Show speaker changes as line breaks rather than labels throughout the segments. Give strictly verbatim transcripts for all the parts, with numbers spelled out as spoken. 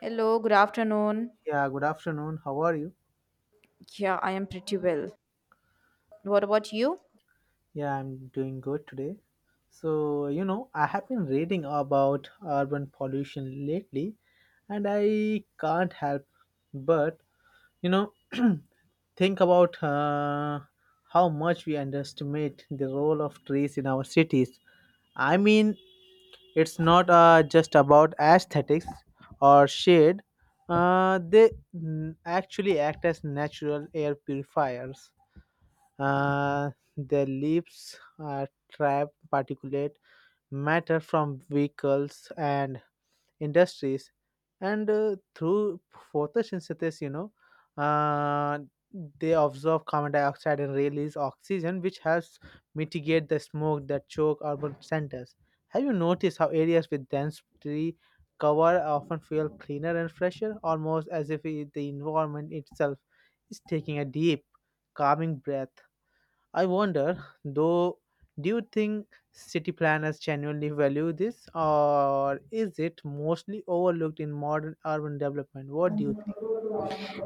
Hello, good afternoon.
Yeah, good afternoon. How are you?
Yeah, I am pretty well. What about you?
Yeah, I'm doing good today. So, you know, I have been reading about urban pollution lately, and I can't help but, you know, think about uh, how much we underestimate the role of trees in our cities. I mean, it's not uh, just about aesthetics or shade. Uh, they mm, actually act as natural air purifiers. Uh, the leaves uh, trap particulate matter from vehicles and industries, and uh, through photosynthesis, you know, uh, they absorb carbon dioxide and release oxygen, which helps mitigate the smoke that choke urban centers. Have you noticed how areas with dense tree cover often feel cleaner and fresher, almost as if it- the environment itself is taking a deep, calming breath? I wonder, though, do you think city planners genuinely value this, or is it mostly overlooked in modern urban development? What do you think?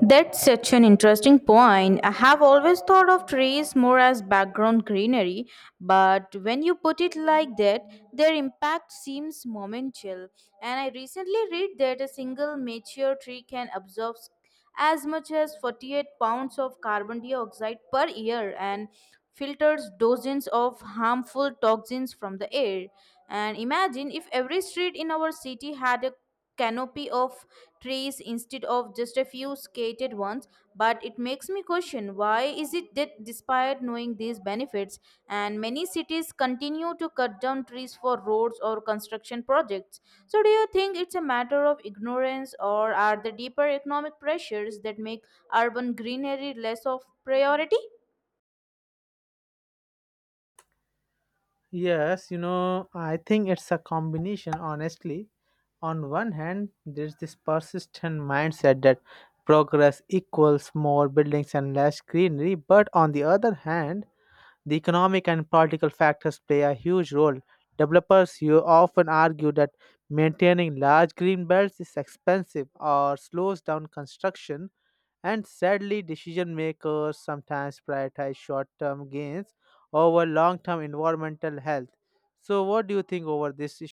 That's such an interesting point. I have always thought of trees more as background greenery, but when you put it like that, their impact seems monumental. And I recently read that a single mature tree can absorb s- as much as forty-eight pounds of carbon dioxide per year and filters dozens of harmful toxins from the air. And imagine if every street in our city had a canopy of trees instead of just a few scattered ones. But it makes me question, why is it that despite knowing these benefits and many cities continue to cut down trees for roads or construction projects? So do you think it's a matter of ignorance, or are the deeper economic pressures that make urban greenery less of priority?
Yes, you know, I think it's a combination, honestly. On one hand, there's this persistent mindset that progress equals more buildings and less greenery, but on the other hand, the economic and political factors play a huge role. Developers you often argue that maintaining large green belts is expensive or slows down construction, and sadly, decision makers sometimes prioritize short term gains over long term environmental health. So, what do you think over this issue?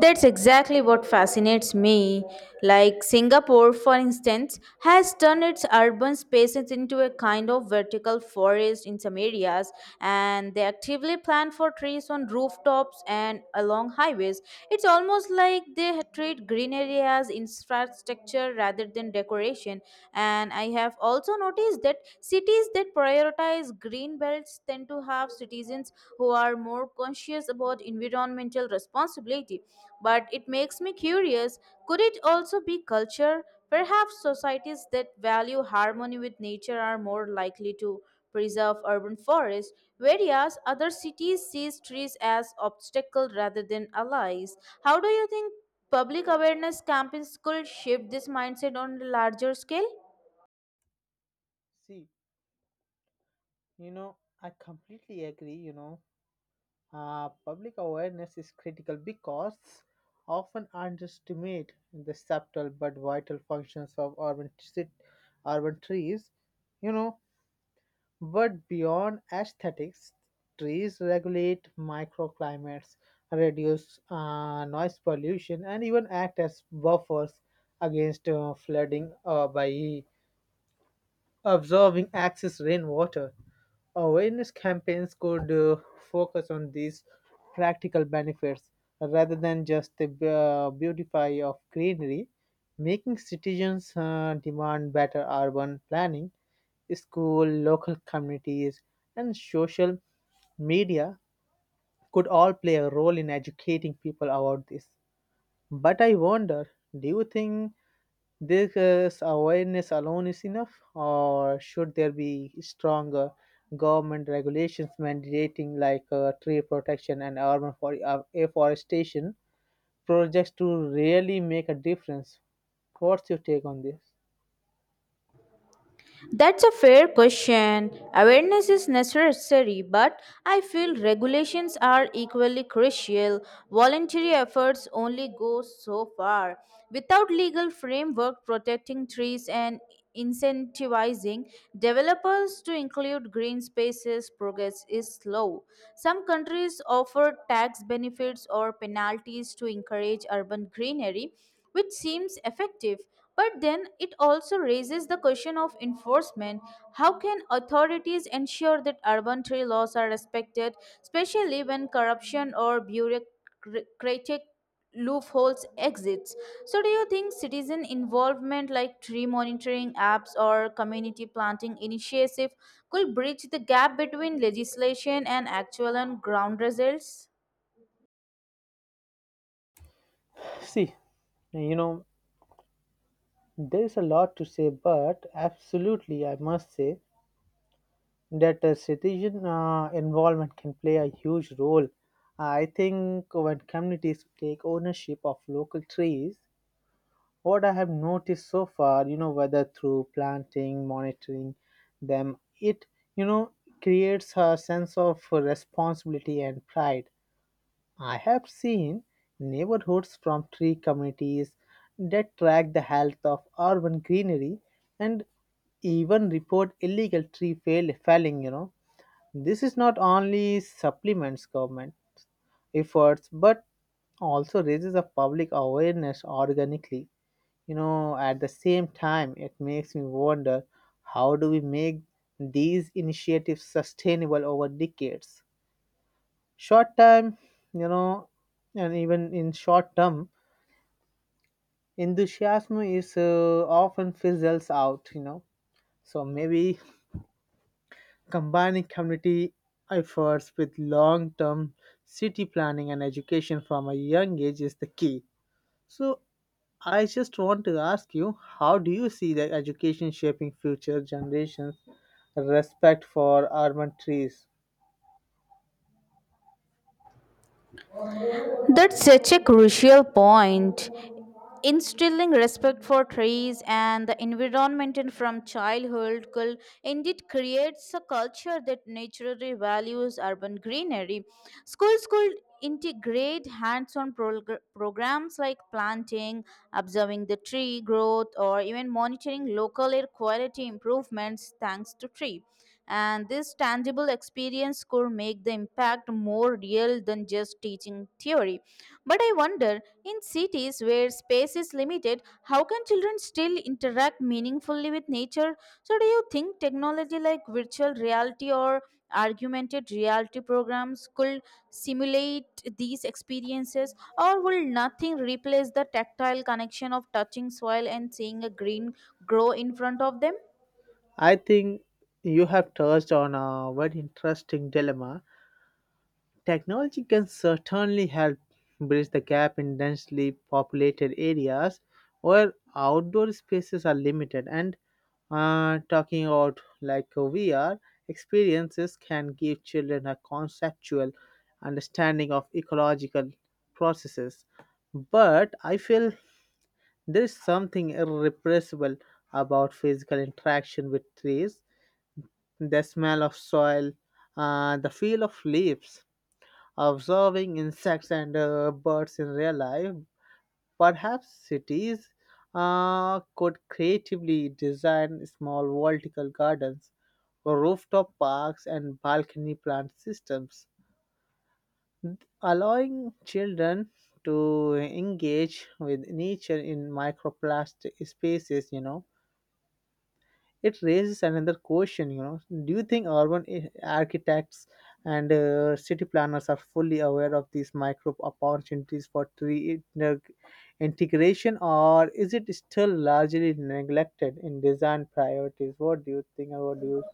That's exactly what fascinates me. Like Singapore, for instance, has turned its urban spaces into a kind of vertical forest in some areas, and they actively plant for trees on rooftops and along highways. It's almost like they treat green areas infrastructure rather than decoration. And I have also noticed that cities that prioritize green belts tend to to have citizens who are more conscious about environmental responsibility. But it makes me curious, could it also be culture? Perhaps societies that value harmony with nature are more likely to preserve urban forests, whereas other cities see trees as obstacles rather than allies. How do you think public awareness campaigns could shift this mindset on a larger scale?
See, you know, I completely agree, you know. Uh, public awareness is critical because often underestimate the subtle but vital functions of urban, t- urban trees. You know, but beyond aesthetics, trees regulate microclimates, reduce uh, noise pollution, and even act as buffers against uh, flooding uh, by observing excess rainwater. Awareness campaigns could uh, focus on these practical benefits rather than just the uh, beautify of greenery, making citizens uh, demand better urban planning. School, local communities, and social media could all play a role in educating people about this. But I wonder, do you think this uh, awareness alone is enough, or should there be stronger government regulations mandating like uh, tree protection and urban for- uh, afforestation projects to really make a difference? What's your take on this?
That's a fair question. Awareness is necessary, but I feel regulations are equally crucial. Voluntary efforts only go so far. Without legal framework protecting trees and incentivizing developers to include green spaces, progress is slow. Some countries offer tax benefits or penalties to encourage urban greenery, which seems effective. But then it also raises the question of enforcement. How can authorities ensure that urban tree laws are respected, especially when corruption or bureaucratic loopholes exist? So, do you think citizen involvement like tree monitoring apps or community planting initiative could bridge the gap between legislation and actual and ground results?
See, you know, there's a lot to say, but absolutely, I must say, that uh, citizen uh, involvement can play a huge role. Uh, I think when communities take ownership of local trees, what I have noticed so far, you know, whether through planting, monitoring them, it, you know, creates a sense of responsibility and pride. I have seen neighborhoods from tree communities that track the health of urban greenery and even report illegal tree fail, felling, you know, this is not only supplements government efforts but also raises a public awareness organically. You know, at the same time, it makes me wonder how do we make these initiatives sustainable over decades? Short term, you know, and even in short term, enthusiasm is uh, often fizzles out, you know. So maybe combining community efforts with long term city planning and education from a young age is the key. So, I just want to ask you how do you see the education shaping future generations' respect for urban trees?
That's such a crucial point. Instilling respect for trees and the environment in from childhood could indeed creates a culture that naturally values urban greenery. Schools could integrate hands-on progr- programs like planting, observing the tree growth, or even monitoring local air quality improvements thanks to tree, and this tangible experience could make the impact more real than just teaching theory. But I wonder, in cities where space is limited, how can children still interact meaningfully with nature? So, do you think technology like virtual reality or augmented reality programs could simulate these experiences, or will nothing replace the tactile connection of touching soil and seeing a green grow in front of them?
I think you have touched on a very interesting dilemma. Technology can certainly help bridge the gap in densely populated areas where outdoor spaces are limited, and uh, talking about like uh, V R experiences can give children a conceptual understanding of ecological processes. But I feel there is something irrepressible about physical interaction with trees, the smell of soil, uh, the feel of leaves, observing insects and uh, birds in real life. Perhaps cities uh, could creatively design small vertical gardens, rooftop parks, and balcony plant systems, allowing children to engage with nature in microplastic spaces, you know. It raises another question, you know, do you think urban i- architects and uh, city planners are fully aware of these micro opportunities for tree inter- integration, or is it still largely neglected in design priorities? What do you think about you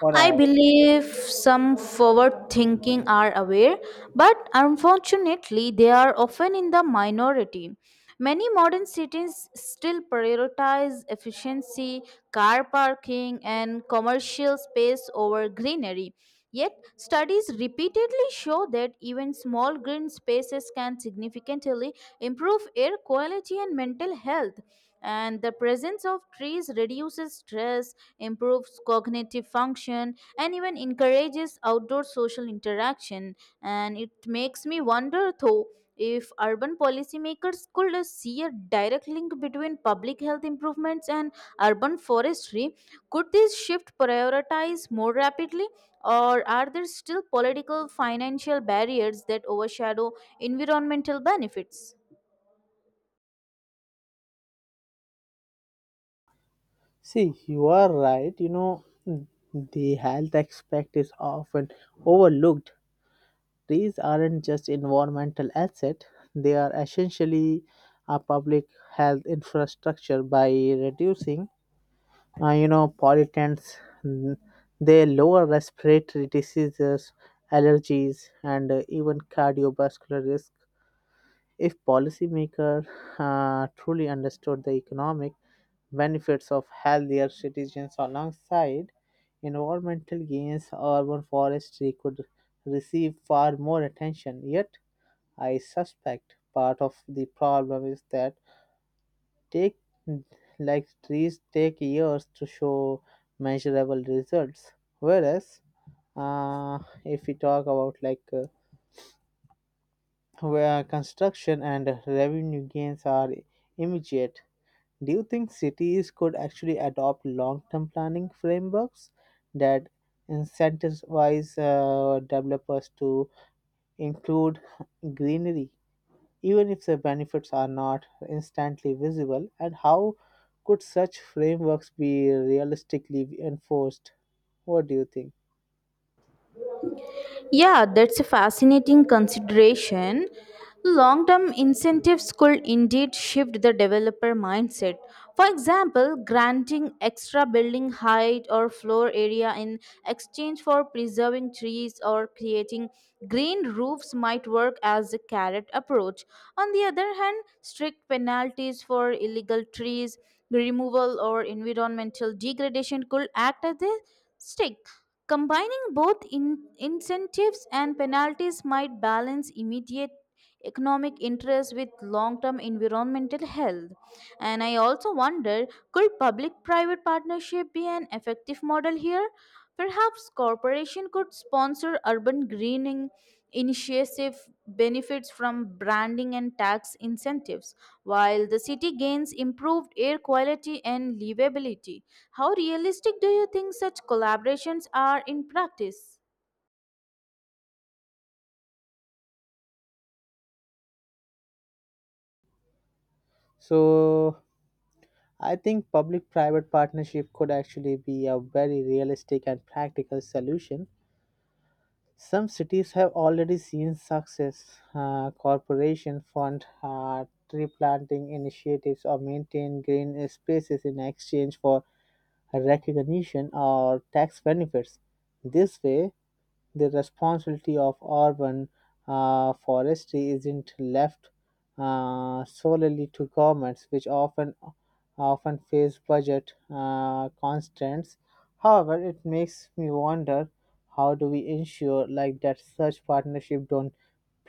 or i?
I believe some forward thinking are aware, but unfortunately, they are often in the minority. Many modern cities still prioritize efficiency, car parking, and commercial space over greenery. Yet, studies repeatedly show that even small green spaces can significantly improve air quality and mental health, and the presence of trees reduces stress, improves cognitive function, and even encourages outdoor social interaction. And it makes me wonder though, if urban policymakers could uh, see a direct link between public health improvements and urban forestry, could this shift prioritize more rapidly, or are there still political financial barriers that overshadow environmental benefits?
See, you are right, you know, the health aspect is often overlooked. Trees aren't just environmental asset, they are essentially a public health infrastructure by reducing uh, you know pollutants. mm, they lower respiratory diseases, allergies and uh, even cardiovascular risk. If policymakers uh, truly understood the economic benefits of healthier citizens alongside environmental gains, urban forestry could receive far more attention. Yet, I suspect part of the problem is that take like trees take years to show measurable results. Whereas, uh, if we talk about like uh, where construction and revenue gains are immediate, do you think cities could actually adopt long-term planning frameworks that incentivize uh, developers to include greenery even if the benefits are not instantly visible, and how could such frameworks be realistically enforced? What do you think?
Yeah, that's a fascinating consideration. Long term incentives could indeed shift the developer mindset. For example, granting extra building height or floor area in exchange for preserving trees or creating green roofs might work as a carrot approach. On the other hand, strict penalties for illegal trees removal or environmental degradation could act as a stick. Combining both in- incentives and penalties might balance immediate economic interest with long term environmental health. And I also wonder, could public private partnership be an effective model here? Perhaps corporation could sponsor urban greening initiative benefits from branding and tax incentives, while the city gains improved air quality and livability. How realistic do you think such collaborations are in practice?
So, I think public private partnership could actually be a very realistic and practical solution. Some cities have already seen success. Uh, corporation fund uh, tree planting initiatives or maintain green spaces in exchange for recognition or tax benefits. This way, the responsibility of urban uh, forestry isn't left uh, solely to governments, which often often face budget uh, constraints. However, it makes me wonder how do we ensure like that such partnership don't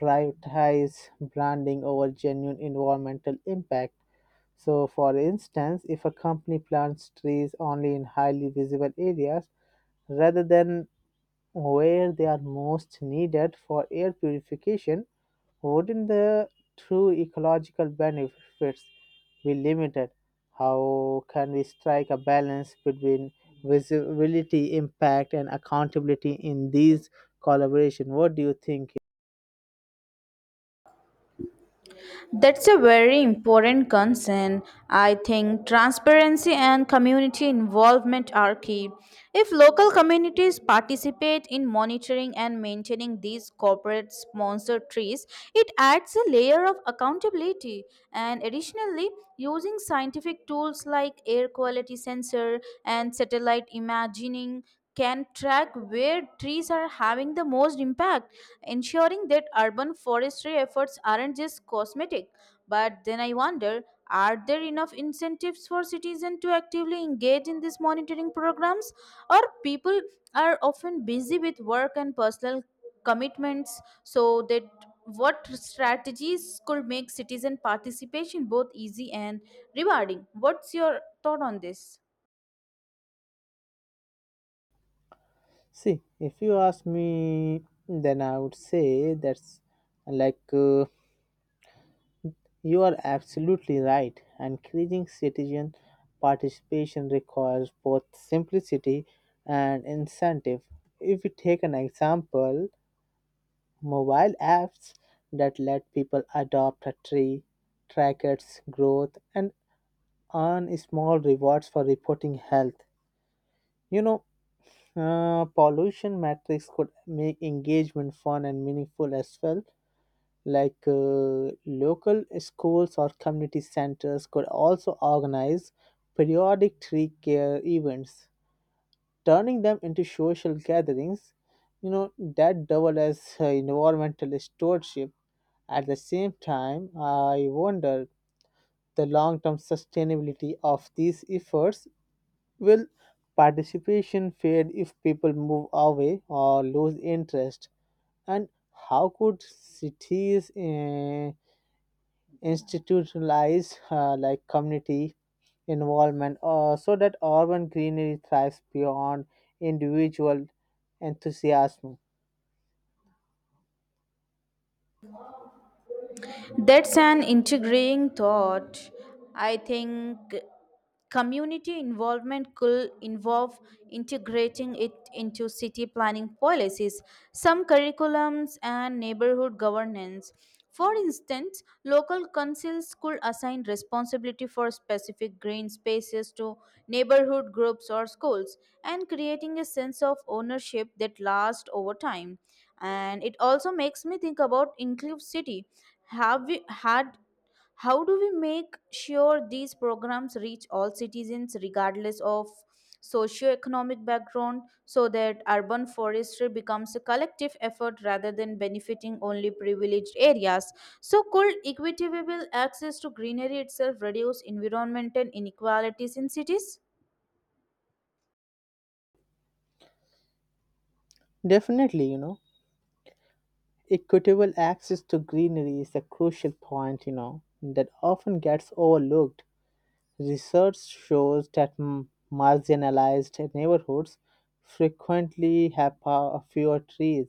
prioritize branding over genuine environmental impact. So, for instance, if a company plants trees only in highly visible areas rather than where they are most needed for air purification, wouldn't the true ecological benefits be limited? How can we strike a balance between visibility, impact, and accountability in these collaboration? What do you think?
That's a very important concern. I think transparency and community involvement are key. If local communities participate in monitoring and maintaining these corporate sponsored trees, it adds a layer of accountability. And additionally, using scientific tools like air quality sensor and satellite imaging can track where trees are having the most impact, ensuring that urban forestry efforts aren't just cosmetic. But then I wonder, are there enough incentives for citizens to actively engage in these monitoring programs? Or people are often busy with work and personal commitments, so that what strategies could make citizen participation both easy and rewarding? What's your thought on this?
See, if you ask me, then I would say that's like. Uh, You are absolutely right, and increasing citizen participation requires both simplicity and incentive. If we take an example, mobile apps that let people adopt a tree, track its growth, and earn small rewards for reporting health. You know, uh, pollution metrics could make engagement fun and meaningful as well, like uh, local schools or community centers could also organize periodic tree care events, turning them into social gatherings, you know, that double as uh, environmental stewardship. At the same time, I wonder the long-term sustainability of these efforts. Will participation fade if people move away or lose interest, and how could cities uh, institutionalize uh, like community involvement uh, so that urban greenery thrives beyond individual enthusiasm?
That's an integrating thought. I think community involvement could involve integrating it into city planning policies, some curriculums, and neighborhood governance. For instance, local councils could assign responsibility for specific green spaces to neighborhood groups or schools, and creating a sense of ownership that lasts over time. And it also makes me think about inclusivity. Have we had, how do we make sure these programs reach all citizens regardless of socioeconomic background, so that urban forestry becomes a collective effort rather than benefiting only privileged areas? So could equitable access to greenery itself reduce environmental inequalities in cities?
Definitely, you know, equitable access to greenery is a crucial point, you know, that often gets overlooked. Research shows that m- marginalized neighborhoods frequently have fa- fewer trees,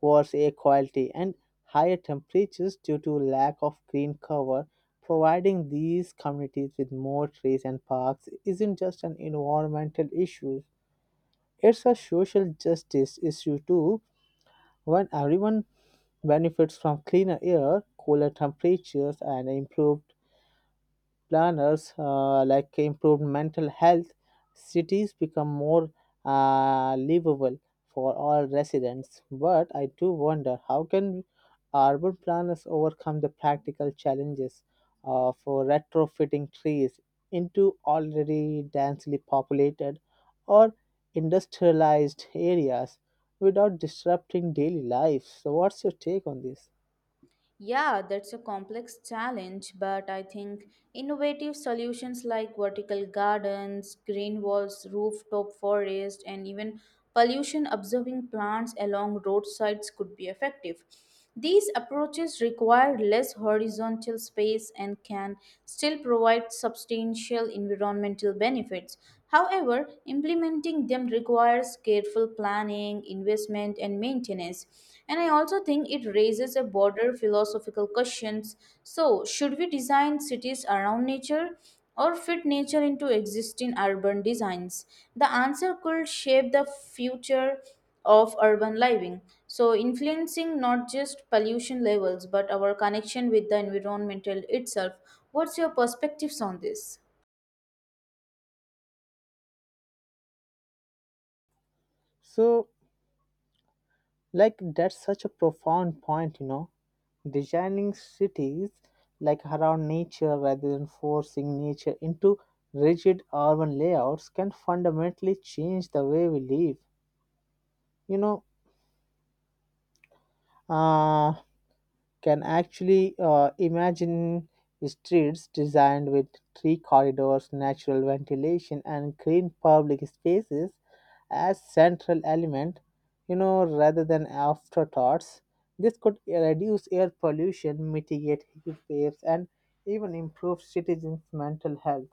worse air quality, and higher temperatures due to lack of green cover. Providing these communities with more trees and parks isn't just an environmental issue, it's a social justice issue too. When everyone benefits from cleaner air, cooler temperatures, and improved planners uh, like improved mental health, cities become more uh, livable for all residents. But I do wonder how can urban planners overcome the practical challenges of retrofitting trees into already densely populated or industrialized areas without disrupting daily life. So, what's your take on this?
Yeah, that's a complex challenge, but I think innovative solutions like vertical gardens, green walls, rooftop forest, and even pollution observing plants along roadsides could be effective. These approaches require less horizontal space and can still provide substantial environmental benefits. However, implementing them requires careful planning, investment, and maintenance. And I also think it raises a broader philosophical questions. So, should we design cities around nature, or fit nature into existing urban designs? The answer could shape the future of urban living, so influencing not just pollution levels but our connection with the environmental itself. What's your perspectives on this?
So, like that's such a profound point, you know. Designing cities like around nature rather than forcing nature into rigid urban layouts can fundamentally change the way we live. You know, uh, can actually uh, imagine streets designed with three corridors, natural ventilation, and green public spaces as central element, you know, rather than afterthoughts. This could reduce air pollution, mitigate heat waves, and even improve citizens' mental health.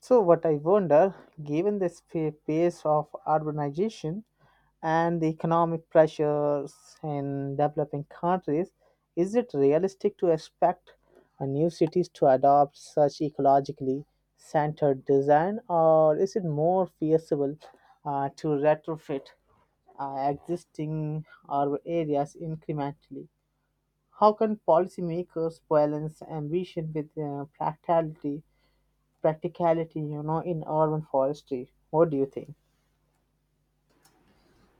So, what I wonder, given this fa- pace of urbanization and the economic pressures in developing countries, is it realistic to expect uh, new cities to adopt such ecologically centered design, or is it more feasible uh, to retrofit uh, existing urban areas incrementally? How can policymakers balance ambition with uh, practicality practicality, you know, in urban forestry. What do you think?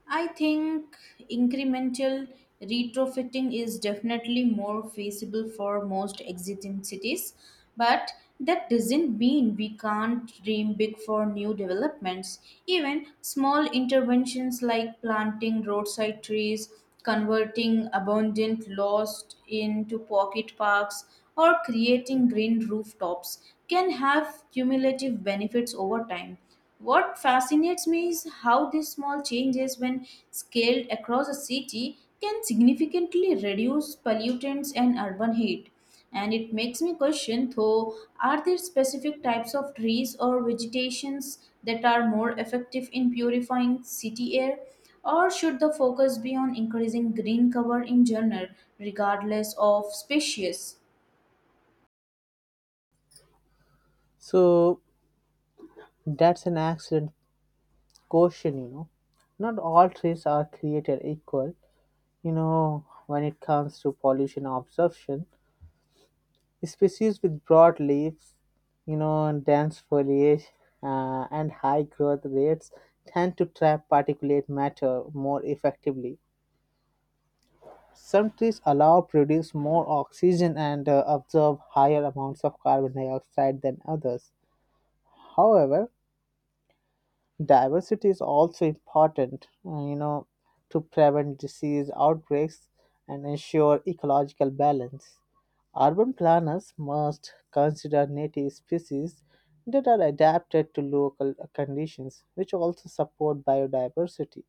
I think incremental retrofitting is definitely more feasible for most existing cities, but that doesn't mean we can't dream big for new developments. Even small interventions like planting roadside trees, converting abundant lost into pocket parks, or creating green rooftops can have cumulative benefits over time. What fascinates me is how these small changes, when scaled across a city, can significantly reduce pollutants and urban heat. And it makes me question though, are there specific types of trees or vegetations that are more effective in purifying city air? Or should the focus be on increasing green cover in general, regardless of species?
So that's an excellent question, you know. Not all trees are created equal, you know, when it comes to pollution absorption. Species with broad leaves, you know, and dense foliage uh, and high growth rates tend to trap particulate matter more effectively. Some trees allow produce more oxygen and uh, absorb higher amounts of carbon dioxide than others. However, diversity is also important, uh, you know, to prevent disease outbreaks and ensure ecological balance. Urban planners must consider native species that are adapted to local conditions, which also support biodiversity.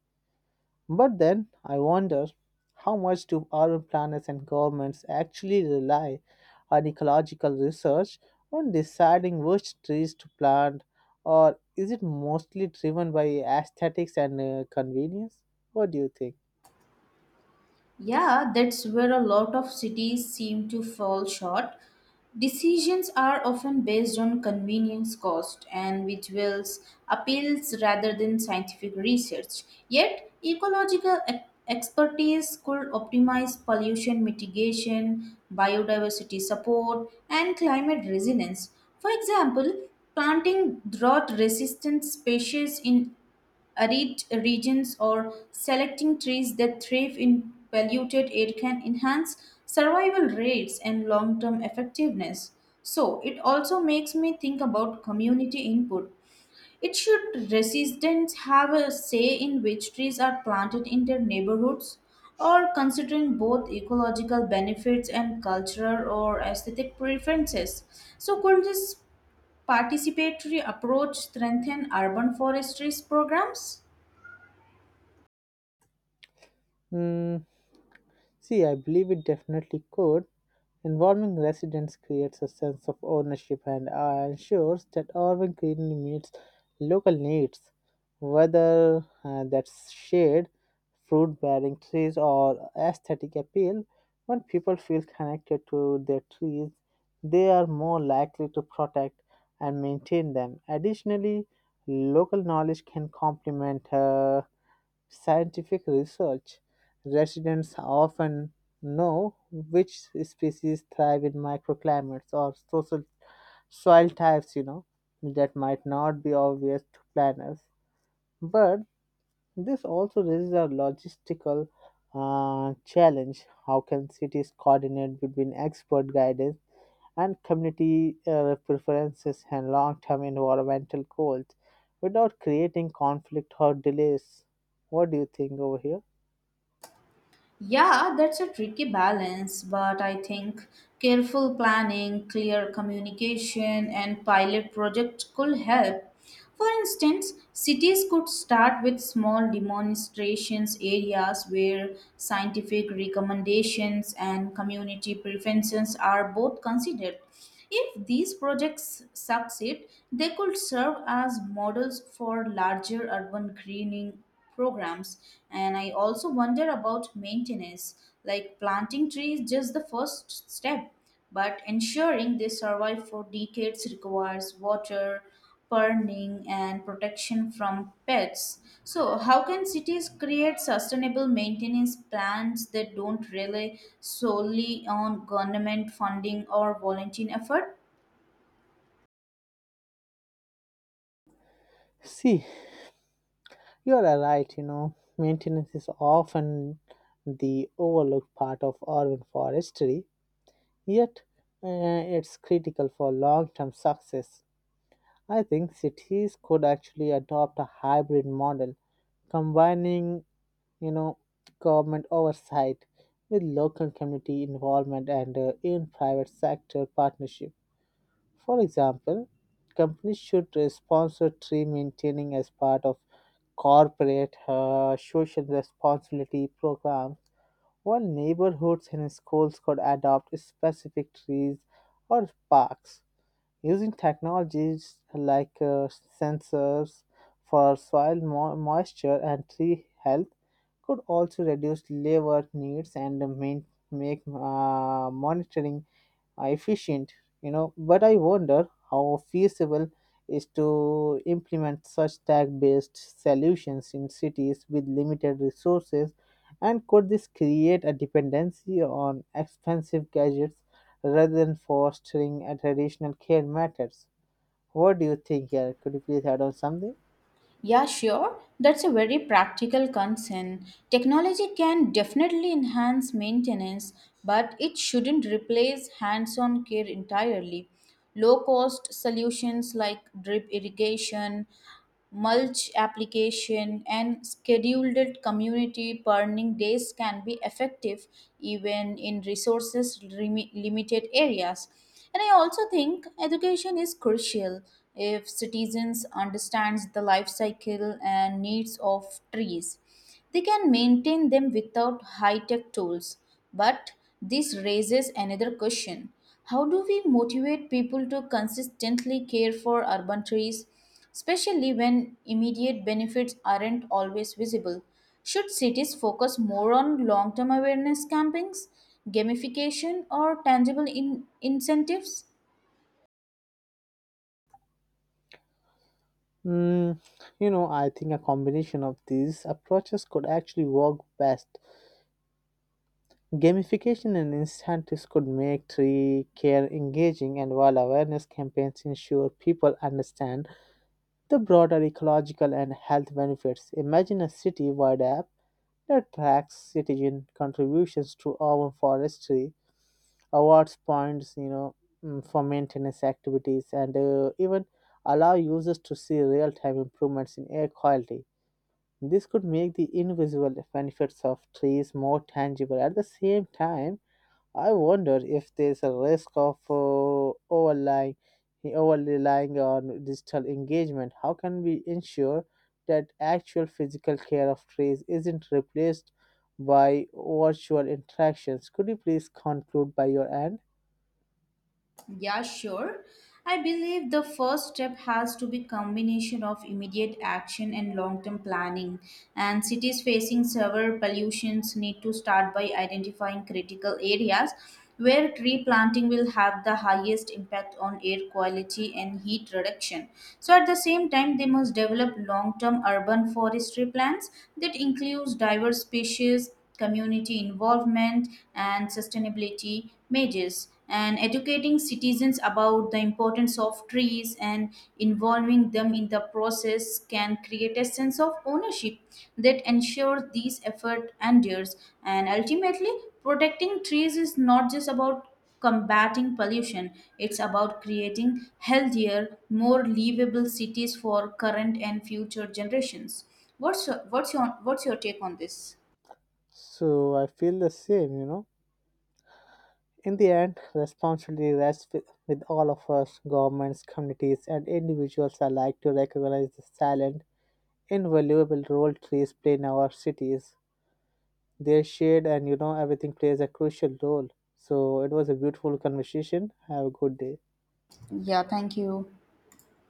But then I wonder how much do our planners and governments actually rely on ecological research when deciding which trees to plant, or is it mostly driven by aesthetics and uh, convenience? What do you think?
Yeah, that's where a lot of cities seem to fall short. Decisions are often based on convenience cost and visuals, appeals rather than scientific research. Yet, ecological e- expertise could optimize pollution mitigation, biodiversity support, and climate resilience. For example, planting drought resistant species in arid regions or selecting trees that thrive in polluted air can enhance survival rates and long term effectiveness. So, it also makes me think about community input. It should residents have a say in which trees are planted in their neighborhoods, or considering both ecological benefits and cultural or aesthetic preferences. So, could this participatory approach strengthen urban forestry programs?
Hmm. See, I believe it definitely could. Involving residents creates a sense of ownership and uh, ensures that urban greenery meets local needs, whether uh, that's shade, fruit bearing trees, or aesthetic appeal. When people feel connected to their trees, they are more likely to protect and maintain them. Additionally, local knowledge can complement. Uh, scientific research, residents often know which species thrive in microclimates or social soil types, you know, that might not be obvious to planners. But this also raises a logistical uh, challenge. How can cities coordinate between expert guidance and community uh, preferences and long term environmental goals without creating conflict or delays? What do you think over here?
Yeah, that's a tricky balance, but I think careful planning, clear communication, and pilot projects could help. For instance, cities could start with small demonstrations areas where scientific recommendations and community preferences are both considered. If these projects succeed, they could serve as models for larger urban greening programs. And I also wonder about maintenance, like planting trees just the first step, but ensuring they survive for decades requires water burning and protection from pests. So how can cities create sustainable maintenance plans that don't rely solely on government funding or volunteer effort?
See, you are right, you know, maintenance is often the overlooked part of urban forestry, yet uh, it's critical for long term success. I think cities could actually adopt a hybrid model, combining, you know, government oversight with local community involvement and uh, in private sector partnership. For example, companies should uh, sponsor tree maintaining as part of corporate uh, social responsibility programs, while neighborhoods and schools could adopt specific trees or parks. Using technologies like uh, sensors for soil mo- moisture and tree health could also reduce labor needs and main- make uh, monitoring uh, efficient, you know. But I wonder how feasible is to implement such tag-based solutions in cities with limited resources, and could this create a dependency on expensive gadgets rather than fostering a traditional care methods? What do you think here? Could you please add on something?
Yeah, sure. That's a very practical concern. Technology can definitely enhance maintenance, but it shouldn't replace hands on care entirely. Low cost solutions like drip irrigation, mulch application, and scheduled community burning days can be effective even in resources limi- limited areas. And I also think education is crucial if citizens understands the life cycle and needs of trees. They can maintain them without high-tech tools. But this raises another question. How do we motivate people to consistently care for urban trees, especially when immediate benefits aren't always visible? Should cities focus more on long term awareness campaigns, gamification, or tangible in- incentives?
Mm, you know, I think a combination of these approaches could actually work best. Gamification and incentives could make tree care engaging, and while awareness campaigns ensure people understand the broader ecological and health benefits. Imagine a city wide app that tracks citizen contributions to urban forestry, awards points, you know, mm, for maintenance activities, and uh, even allow users to see real time improvements in air quality. This could make the invisible benefits of trees more tangible. At the same time, I wonder if there's a risk of uh, overlying, over relying on digital engagement. How can we ensure that actual physical care of trees isn't replaced by virtual interactions? Could you please conclude by your end?
Yeah, sure. I believe the first step has to be combination of immediate action and long-term planning. And cities facing severe pollutions need to start by identifying critical areas where tree planting will have the highest impact on air quality and heat reduction. So at the same time, they must develop long-term urban forestry plans that includes diverse species community involvement, and sustainability measures, and educating citizens about the importance of trees and involving them in the process can create a sense of ownership that ensures these effort endures. And ultimately, protecting trees is not just about combating pollution, it's about creating healthier more livable cities for current and future generations. What's your, what's your what's your take on this?
So I feel the same, you know. In the end, responsibility rests with, with all of us, governments, communities, and individuals alike to recognize the silent, invaluable role trees play in our cities. Their shade and you know everything plays a crucial role. So it was a beautiful conversation. Have a good day.
Yeah, thank you.